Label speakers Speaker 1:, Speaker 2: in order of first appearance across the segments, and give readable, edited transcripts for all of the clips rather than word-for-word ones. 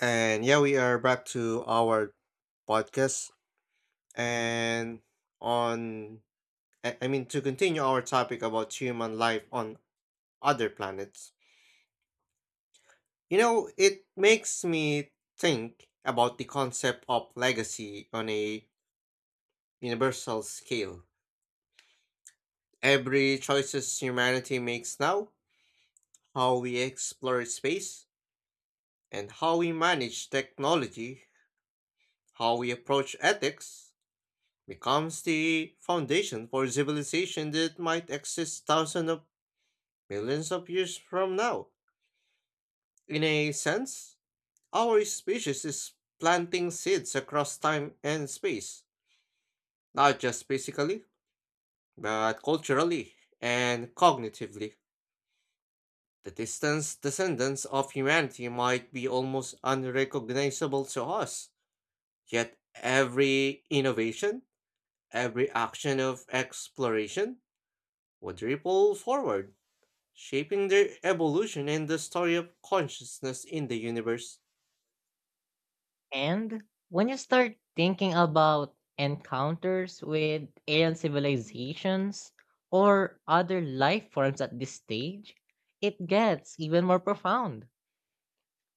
Speaker 1: And yeah, we are back to our podcast. And on, I mean, to continue our topic about human life on other planets, you know, it makes me think about the concept of legacy on a universal scale. Every choices humanity makes now, how we explore space, and how we manage technology, how we approach ethics, becomes the foundation for civilization that might exist thousands of millions of years from now. In a sense, our species is planting seeds across time and space, not just physically, but culturally and cognitively. The distant descendants of humanity might be almost unrecognizable to us, yet every innovation, every action of exploration would ripple forward shaping their evolution and the story of consciousness in the universe.
Speaker 2: And when you start thinking about encounters with alien civilizations or other life forms at this stage, it gets even more profound.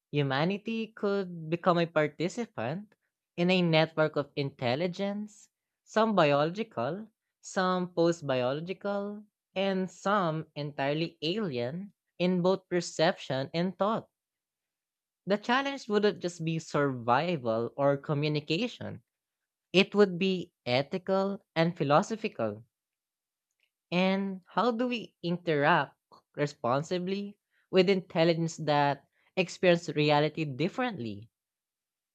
Speaker 2: Humanity could become a participant in a network of intelligence, some biological, some post biological, and some entirely alien in both perception and thought. The challenge wouldn't just be survival or communication. It would be ethical and philosophical. And how do we interact responsibly with intelligence that experience reality differently?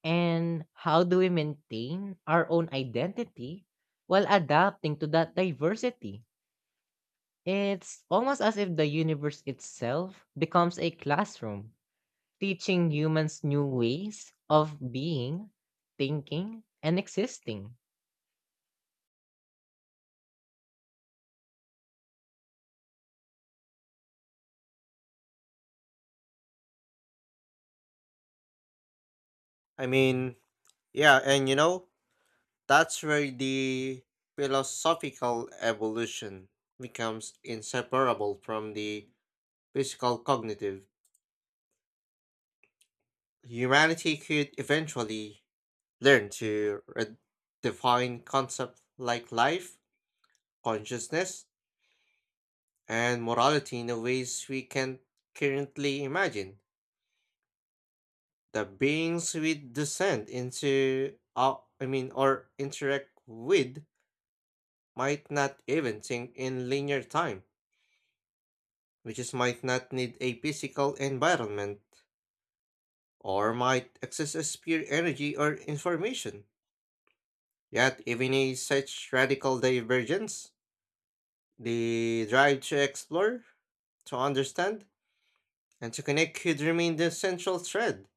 Speaker 2: And how do we maintain our own identity while adapting to that diversity? It's almost as if the universe itself becomes a classroom, teaching humans new ways of being, thinking, and existing.
Speaker 1: I mean, yeah, and you know, that's where the philosophical evolution becomes inseparable from the physical cognitive. Humanity could eventually learn to define concepts like life, consciousness, and morality in a ways we can currently imagine. The beings we descend into, I mean, or interact with, might not even think in linear time, which is might not need a physical environment, or might access as pure energy or information. Yet, even in such radical divergence, the drive to explore, to understand, and to connect could remain the central thread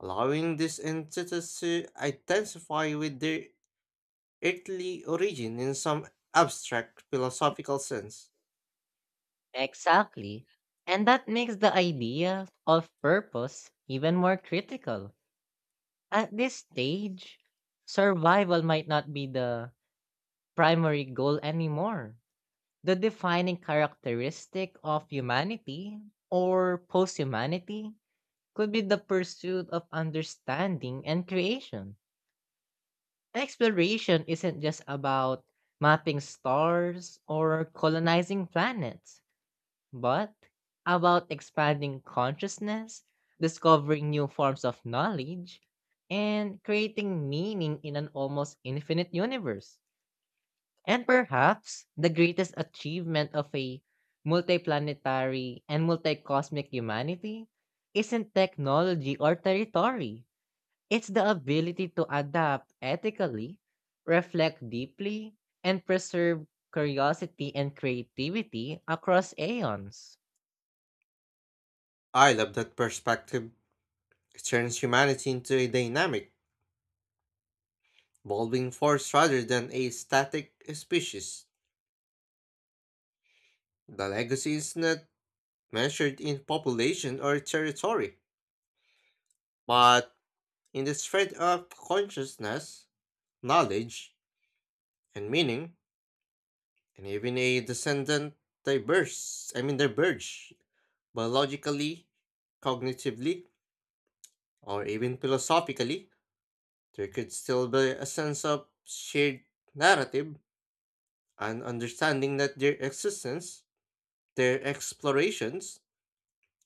Speaker 1: allowing these entities to intensify with their earthly origin in some abstract philosophical sense.
Speaker 2: Exactly. And that makes the idea of purpose even more critical. At this stage, survival might not be the primary goal anymore. The defining characteristic of humanity or post humanity could be the pursuit of understanding and creation. Exploration isn't just about mapping stars or colonizing planets but about expanding consciousness, discovering new forms of knowledge, and creating meaning in an almost infinite universe. And perhaps the greatest achievement of a multiplanetary and multicosmic humanity isn't technology or territory. It's the ability to adapt ethically, reflect deeply, and preserve curiosity and creativity across aeons.
Speaker 1: I love that perspective. It turns humanity into a dynamic, evolving force rather than a static species. The legacy is not measured in population or territory, but in the thread of consciousness, knowledge, and meaning, and even a descendant diverse, I mean diverge biologically, cognitively, or even philosophically. There could still be a sense of shared narrative and understanding that their existence, their explorations,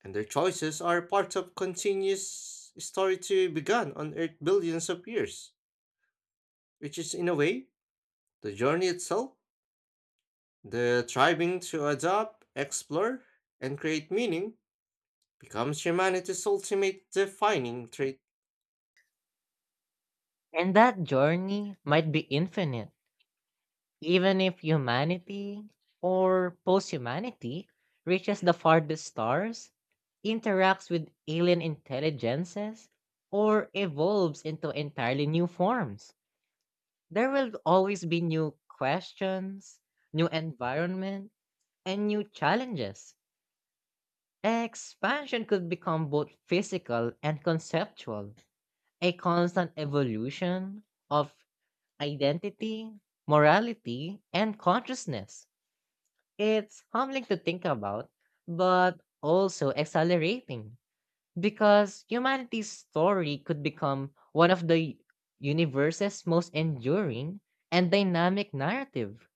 Speaker 1: and their choices are part of continuous story to begun on Earth billions of years, which is in a way the journey itself, the striving to adapt, explore, and create meaning becomes humanity's ultimate defining trait,
Speaker 2: And that journey might be infinite, even if humanity or post humanity reaches the farthest stars, interacts with alien intelligences, or evolves into entirely new forms. There will always be new questions, new environment, and new challenges. Expansion could become both physical and conceptual, a constant evolution of identity, morality, and consciousness. It's humbling to think about, but also exhilarating because humanity's story could become one of the universe's most enduring and dynamic narrative,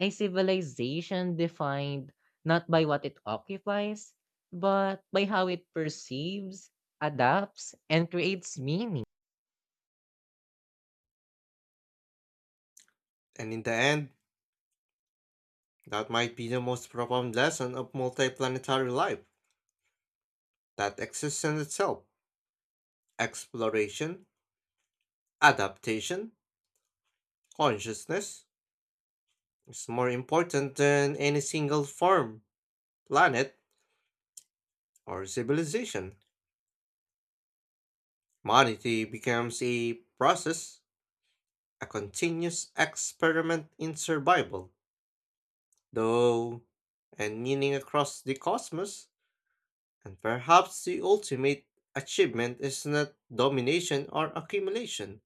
Speaker 2: a civilization defined not by what it occupies, but by how it perceives, adapts, and creates meaning.
Speaker 1: and in the end, that might be the most profound lesson of multiplanetary life, that existence itself. Exploration, adaptation, consciousness is more important than any single form, planet, or civilization. Humanity becomes a process, a continuous experiment in survival, though, and meaning across the cosmos, and perhaps the ultimate achievement is not domination or accumulation,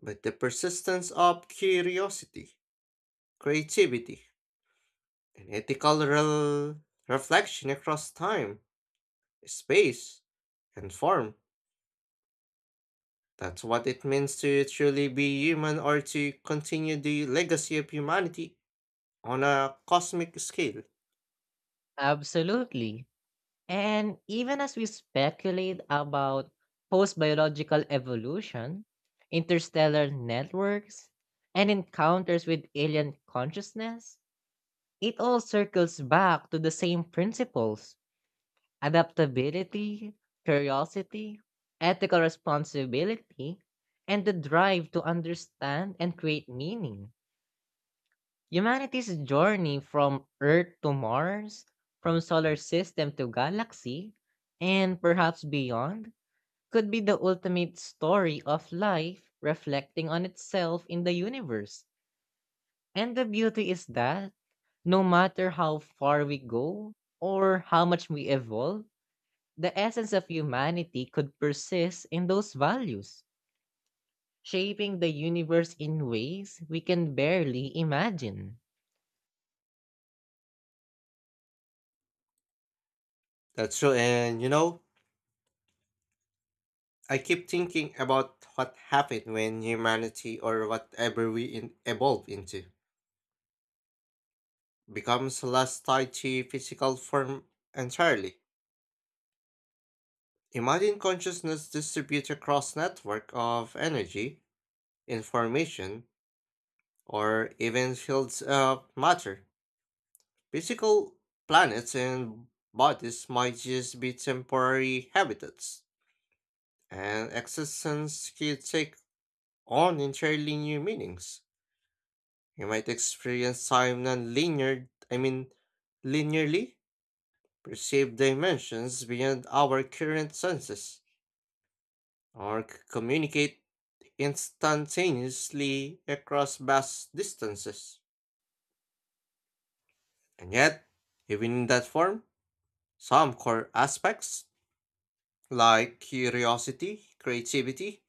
Speaker 1: but the persistence of curiosity, creativity, an ethical reflection across time, space, and form. That's what it means to truly be human or to continue the legacy of humanity on a cosmic scale.
Speaker 2: Absolutely. And even as we speculate about post biological evolution, interstellar networks, and encounters with alien consciousness, it all circles back to the same principles: adaptability, curiosity, ethical responsibility, and the drive to understand and create meaning. Humanity's journey from Earth to Mars, from solar system to galaxy, and perhaps beyond could be the ultimate story of life reflecting on itself in the universe. And the beauty is that no matter how far we go or how much we evolve, the essence of humanity could persist in those values, shaping the universe in ways we can barely imagine.
Speaker 1: That's true, and you know, I keep thinking about what happened when humanity or whatever we evolve into becomes less tied to physical form entirely. Imagine consciousness distributed across network of energy, information, or even fields of matter. Physical planets and bodies might just be temporary habitats, and existence could take on entirely new meanings. You might experience time non-linear, I mean, linearly, perceive dimensions beyond our current senses, or communicate instantaneously across vast distances. And yet, even in that form, some core aspects, like curiosity, creativity,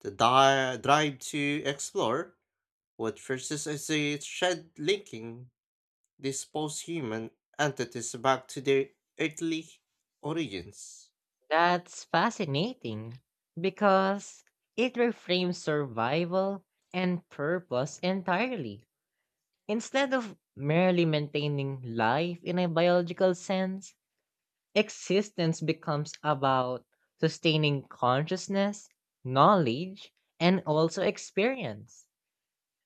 Speaker 1: the drive to explore, would persist as a thread linking these post-human entities back to their earthly origins.
Speaker 2: That's fascinating because it reframes survival and purpose entirely. Instead of merely maintaining life in a biological sense, existence becomes about sustaining consciousness, knowledge, and also experience.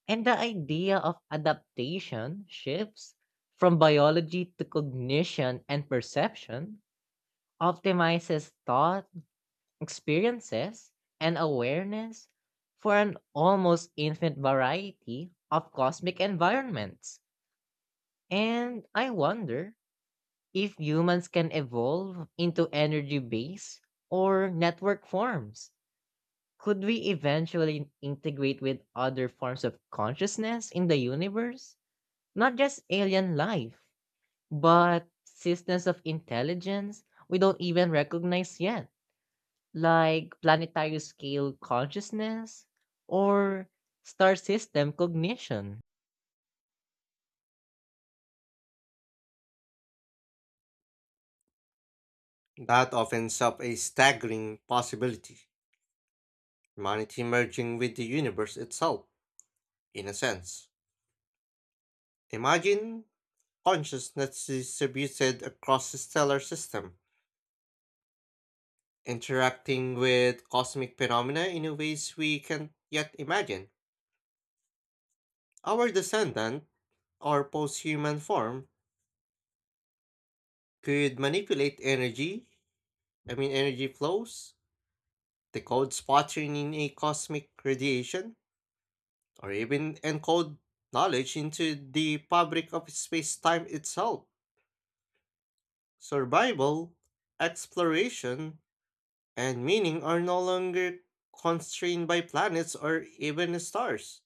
Speaker 2: And the idea of adaptation shifts from biology to cognition and perception, optimizes thought experiences, and awareness for an almost infinite variety of cosmic environments. And I wonder if humans can evolve into energy based or network forms. Could we eventually integrate with other forms of consciousness in the universe? Not just alien life, but systems of intelligence we don't even recognize yet, like planetary scale consciousness or star system cognition.
Speaker 1: That opens up a staggering possibility, humanity merging with the universe itself, in a sense. Imagine consciousness distributed across the stellar system interacting with cosmic phenomena in ways we can't yet imagine. Our descendant, or post human form, could manipulate energy, I mean, energy flows, decode pattern in a cosmic radiation, or even encode knowledge into the fabric of space time itself. Survival, exploration, and meaning are no longer constrained by planets or even stars.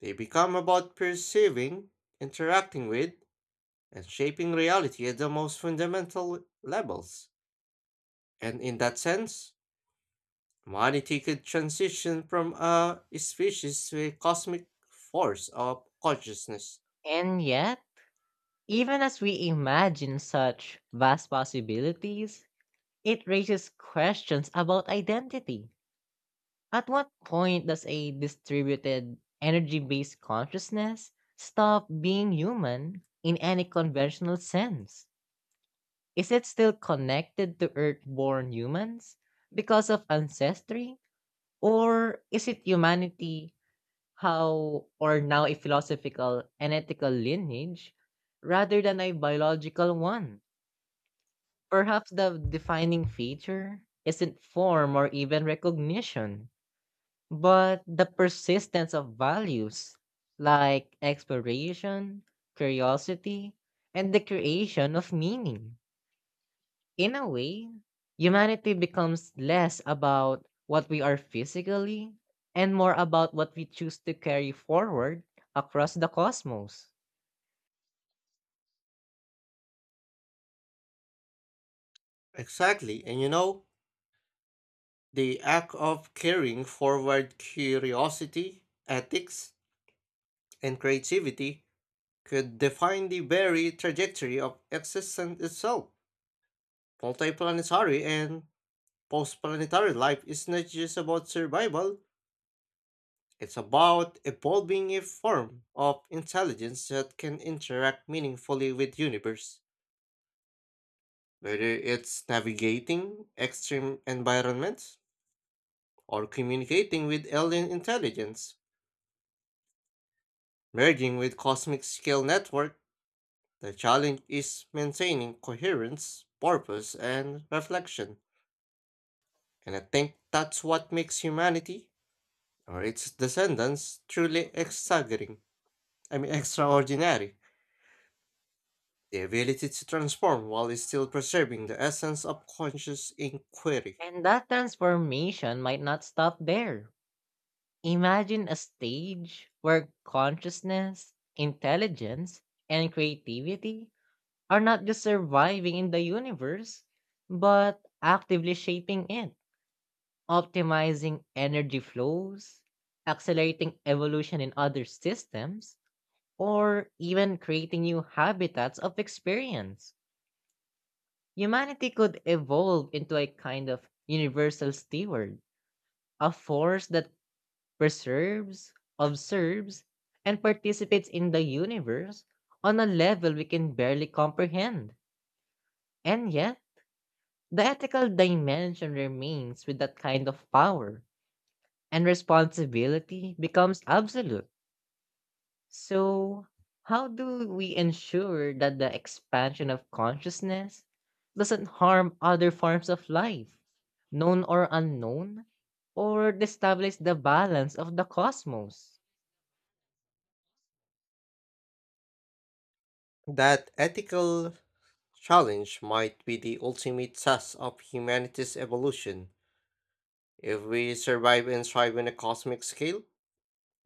Speaker 1: They become about perceiving, interacting with, and shaping reality at the most fundamental levels. And in that sense, humanity could transition from a species to a cosmic force of consciousness.
Speaker 2: And yet, even as we imagine such vast possibilities, it raises questions about identity. At what point does a distributed energy based consciousness stop being human in any conventional sense? Is it still connected to Earth born humans because of ancestry? Or is it humanity how or now a philosophical and ethical lineage rather than a biological one? Perhaps the defining feature isn't form or even recognition, but the persistence of values like exploration, curiosity, and the creation of meaning. In a way, humanity becomes less about what we are physically and more about what we choose to carry forward across the cosmos.
Speaker 1: Exactly, and you know, the act of carrying forward curiosity, ethics, and creativity could define the very trajectory of existence itself, multiplanetary and postplanetary life is not just about survival, it's about evolving a form of intelligence that can interact meaningfully with universe. Whether it's navigating extreme environments or communicating with alien intelligence, merging with cosmic scale network, the challenge is maintaining coherence, purpose, and reflection. And I think that's what makes humanity or its descendants truly staggering. I mean, extraordinary. The ability to transform while still preserving the essence of conscious inquiry.
Speaker 2: And that transformation might not stop there. Imagine a stage where consciousness, intelligence, and creativity are not just surviving in the universe, but actively shaping it, optimizing energy flows, accelerating evolution in other systems, or even creating new habitats of experience. Humanity could evolve into a kind of universal steward, a force that preserves, observes, and participates in the universe on a level we can barely comprehend. And yet, the ethical dimension remains with that kind of power, and responsibility becomes absolute. So, how do we ensure that the expansion of consciousness doesn't harm other forms of life, known or unknown, or destabilize the balance of the cosmos?
Speaker 1: That ethical challenge might be the ultimate test of humanity's evolution. If we survive and thrive on a cosmic scale,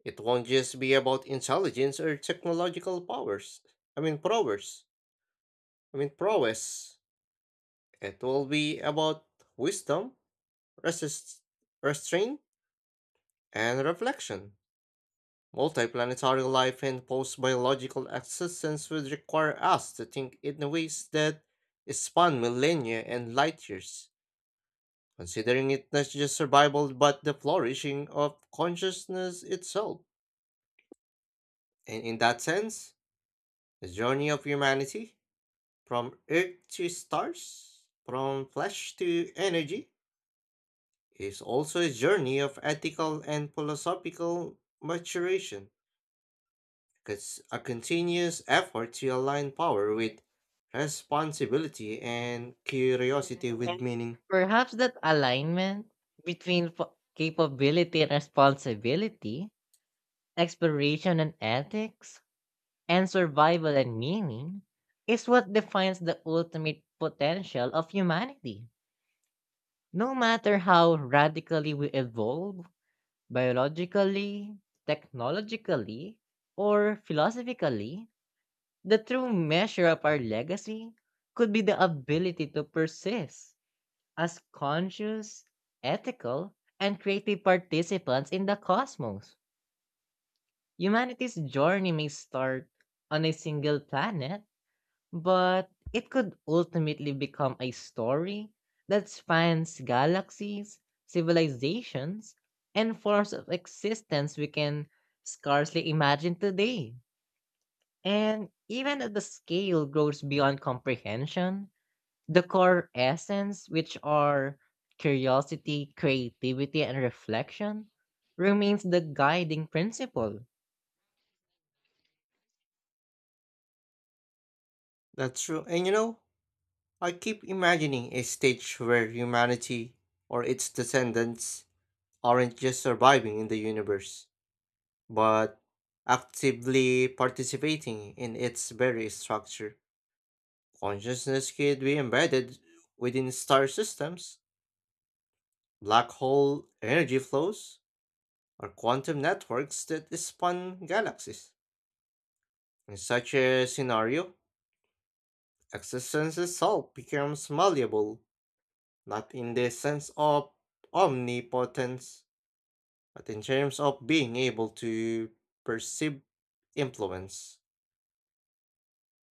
Speaker 1: it won't just be about intelligence or technological powers. I mean, prowess. I mean, prowess. It will be about wisdom, resist, restraint, and reflection. Multiplanetary life and post biological existence would require us to think in ways that span millennia and light years, considering it not just survival but the flourishing of consciousness itself. And in that sense, the journey of humanity, from Earth to stars, from flesh to energy, is also a journey of ethical and philosophical maturation. It's a continuous effort to align power with responsibility and curiosity with
Speaker 2: And
Speaker 1: meaning.
Speaker 2: perhaps that alignment between capability and responsibility, exploration and ethics, and survival and meaning is what defines the ultimate potential of humanity. No matter how radically we evolve, biologically, technologically, or philosophically, the true measure of our legacy could be the ability to persist as conscious, ethical, and creative participants in the cosmos. Humanity's journey may start on a single planet but it could ultimately become a story that spans galaxies, civilizations, and forms of existence we can scarcely imagine today. And even as the scale grows beyond comprehension, the core essence, which are curiosity, creativity, and reflection, remains the guiding principle.
Speaker 1: That's true. And you know, I keep imagining a stage where humanity or its descendants aren't just surviving in the universe, but actively participating in its very structure. Consciousness could be embedded within star systems, black hole energy flows, or quantum networks that span galaxies. In such a scenario, existence itself becomes malleable, not in the sense of omnipotence, but in terms of being able to perceive influence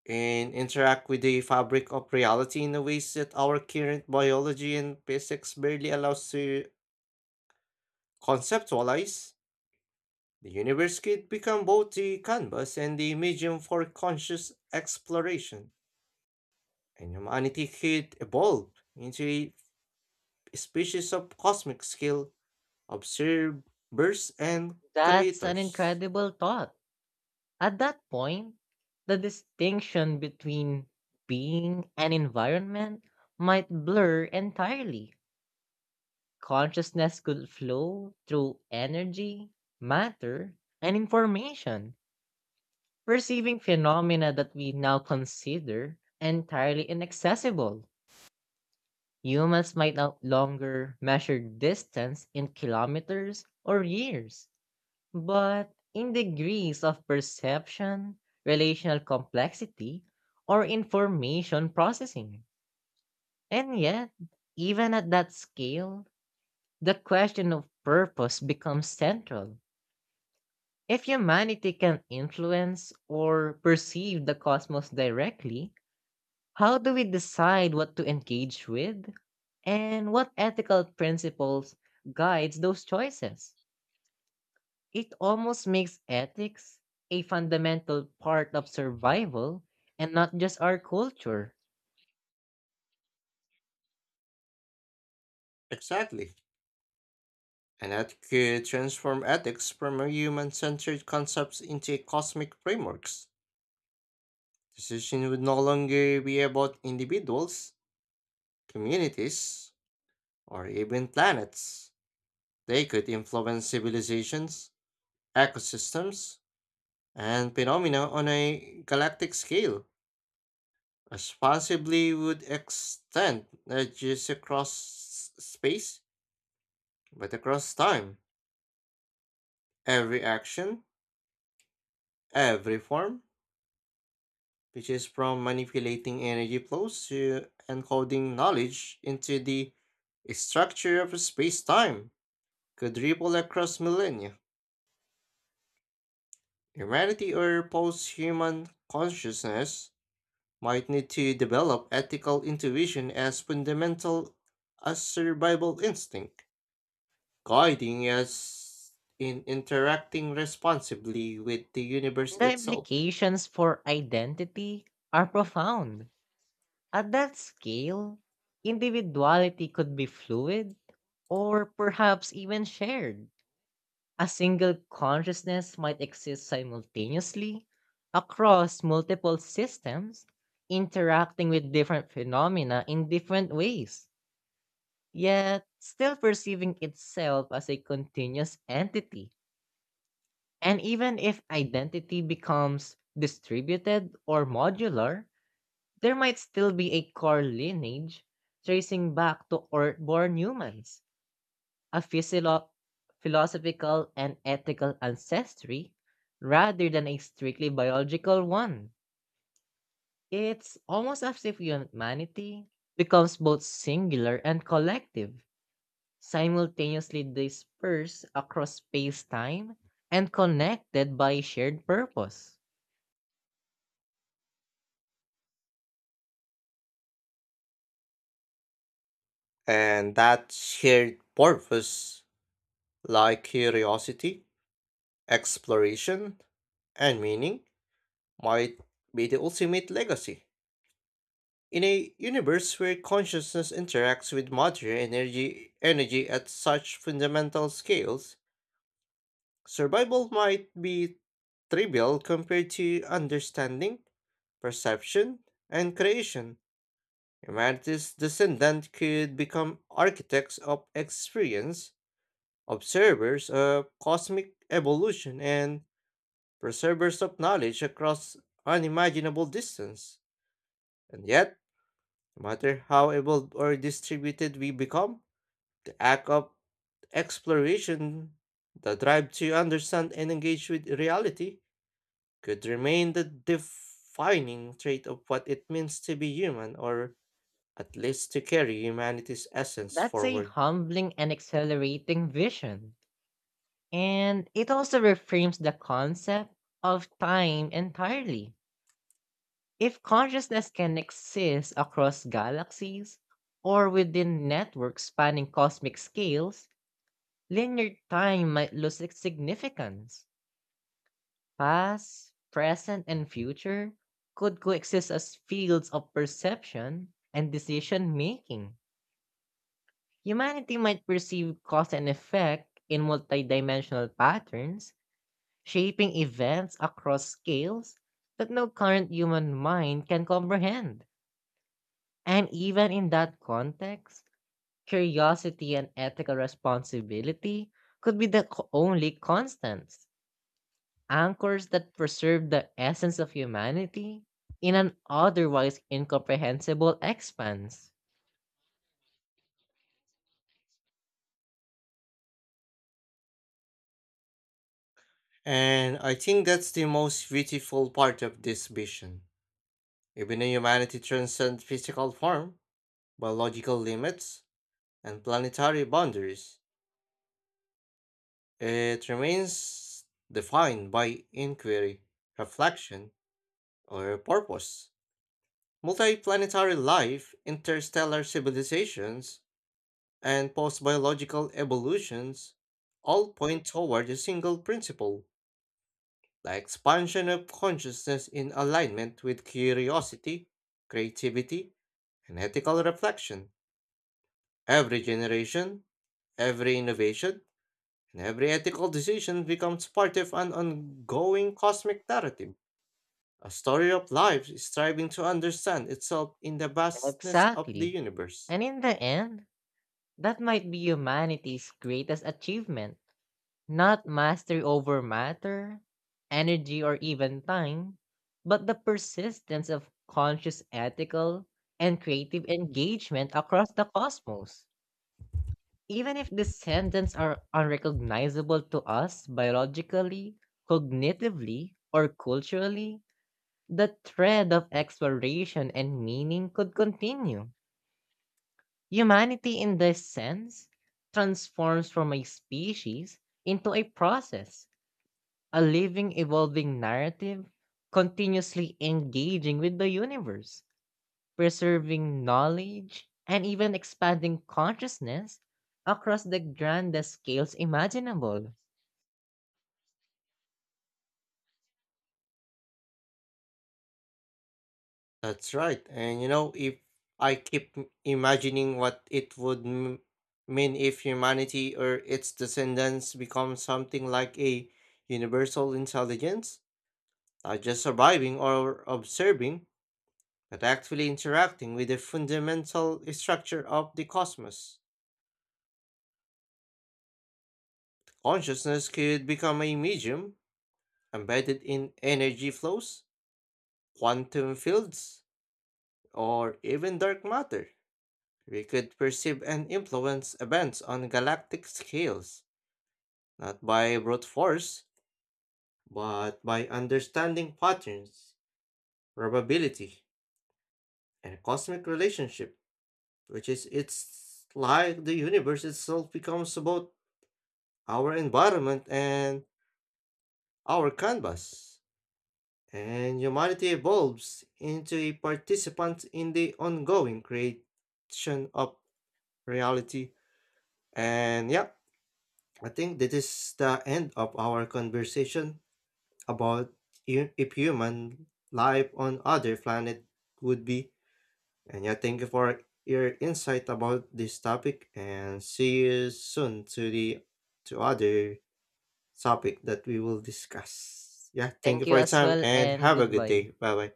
Speaker 1: and interact with the fabric of reality in the ways that our current biology and physics barely allows to conceptualize. The universe could become both the canvas and the medium for conscious exploration. And humanity could evolve into a species of cosmic scale observers and
Speaker 2: That's an
Speaker 1: creators.
Speaker 2: incredible thought. At that point, the distinction between being and environment might blur entirely. Consciousness could flow through energy, matter, and information, perceiving phenomena that we now consider entirely inaccessible. Humans might no longer measure distance in kilometers or years, but in degrees of perception, relational complexity, or information processing. And yet, even at that scale, the question of purpose becomes central. If humanity can influence or perceive the cosmos directly, how do we decide what to engage with? And what ethical principles guides those choices? It almost makes ethics a fundamental part of survival and not just our culture.
Speaker 1: Exactly. And that could transform ethics from a human centered concepts into cosmic frameworks. Decision would no longer be about individuals, communities, or even planets. They could influence civilizations, ecosystems, and phenomena on a galactic scale. Responsibly would extend not just across space, but across time. Every action, every form, which is from manipulating energy flows to encoding knowledge into the structure of space time, could ripple across millennia. Humanity or post human consciousness might need to develop ethical intuition as fundamental as survival instinct, guiding us in interacting responsibly with the universe
Speaker 2: And the
Speaker 1: itself.
Speaker 2: implications for identity are profound. At that scale, individuality could be fluid or perhaps even shared. A single consciousness might exist simultaneously across multiple systems, interacting with different phenomena in different ways, yet still perceiving itself as a continuous entity. And even if identity becomes distributed or modular, there might still be a core lineage tracing back to earthborn humans, a philosophical and ethical ancestry rather than a strictly biological one. It's almost as if humanity becomes both singular and collective, simultaneously dispersed across space-time and connected by shared purpose.
Speaker 1: And that shared purpose, like curiosity, exploration, and meaning, might be the ultimate legacy. In a universe where consciousness interacts with matter and energy, energy at such fundamental scales, survival might be trivial compared to understanding, perception, and creation. Humanity's descendants could become architects of experience, observers of cosmic evolution, and preservers of knowledge across unimaginable distance. And yet, no matter how evolved or distributed we become, the act of exploration, the drive to understand and engage with reality, could remain the defining trait of what it means to be human, or at least to carry humanity's essence
Speaker 2: That's a
Speaker 1: forward.
Speaker 2: humbling and accelerating vision. And it also reframes the concept of time entirely. If consciousness can exist across galaxies or within networks spanning cosmic scales, linear time might lose its significance. Past, present, and future could coexist as fields of perception and decision making. Humanity might perceive cause and effect in multidimensional patterns, shaping events across scales that no current human mind can comprehend. And even in that context, curiosity and ethical responsibility could be the only constants, anchors that preserve the essence of humanity in an otherwise incomprehensible expanse.
Speaker 1: And I think that's the most beautiful part of this vision. Even though humanity transcends physical form, biological limits, and planetary boundaries, it remains defined by inquiry, reflection, or purpose. Multiplanetary life, interstellar civilizations, and post biological evolutions all point toward a single principle. The expansion of consciousness in alignment with curiosity, creativity, and ethical reflection. Every generation, every innovation, and every ethical decision becomes part of an ongoing cosmic narrative, a story of life striving to understand itself in the vastness of the
Speaker 2: Exactly.
Speaker 1: universe.
Speaker 2: And in the end, that might be humanity's greatest achievement, not mastery over matter, energy, or even time, but the persistence of conscious ethical and creative engagement across the cosmos. Even if descendants are unrecognizable to us biologically, cognitively, or culturally, the thread of exploration and meaning could continue. Humanity, in this sense, transforms from a species into a process, a living, evolving narrative, continuously engaging with the universe, preserving knowledge, and even expanding consciousness across the grandest scales imaginable.
Speaker 1: That's right. And you know, if I keep imagining what it would mean if humanity or its descendants become something like a universal intelligence, not just surviving or observing, but actually interacting with the fundamental structure of the cosmos. Consciousness could become a medium embedded in energy flows, quantum fields, or even dark matter. We could perceive and influence events on galactic scales, not by brute force, but by understanding patterns, probability, and cosmic relationship, which is it's like the universe itself becomes both our environment and our canvas. And humanity evolves into a participant in the ongoing creation of reality. And yeah, I think that is the end of our conversation about if human life on other planet would be. And yeah, thank you for your insight about this topic and see you soon to the to other topic that we will discuss. Yeah, thank
Speaker 2: Thank
Speaker 1: you
Speaker 2: you
Speaker 1: for your
Speaker 2: as
Speaker 1: time
Speaker 2: well,
Speaker 1: and
Speaker 2: and
Speaker 1: have a good
Speaker 2: goodbye.
Speaker 1: day. Bye bye.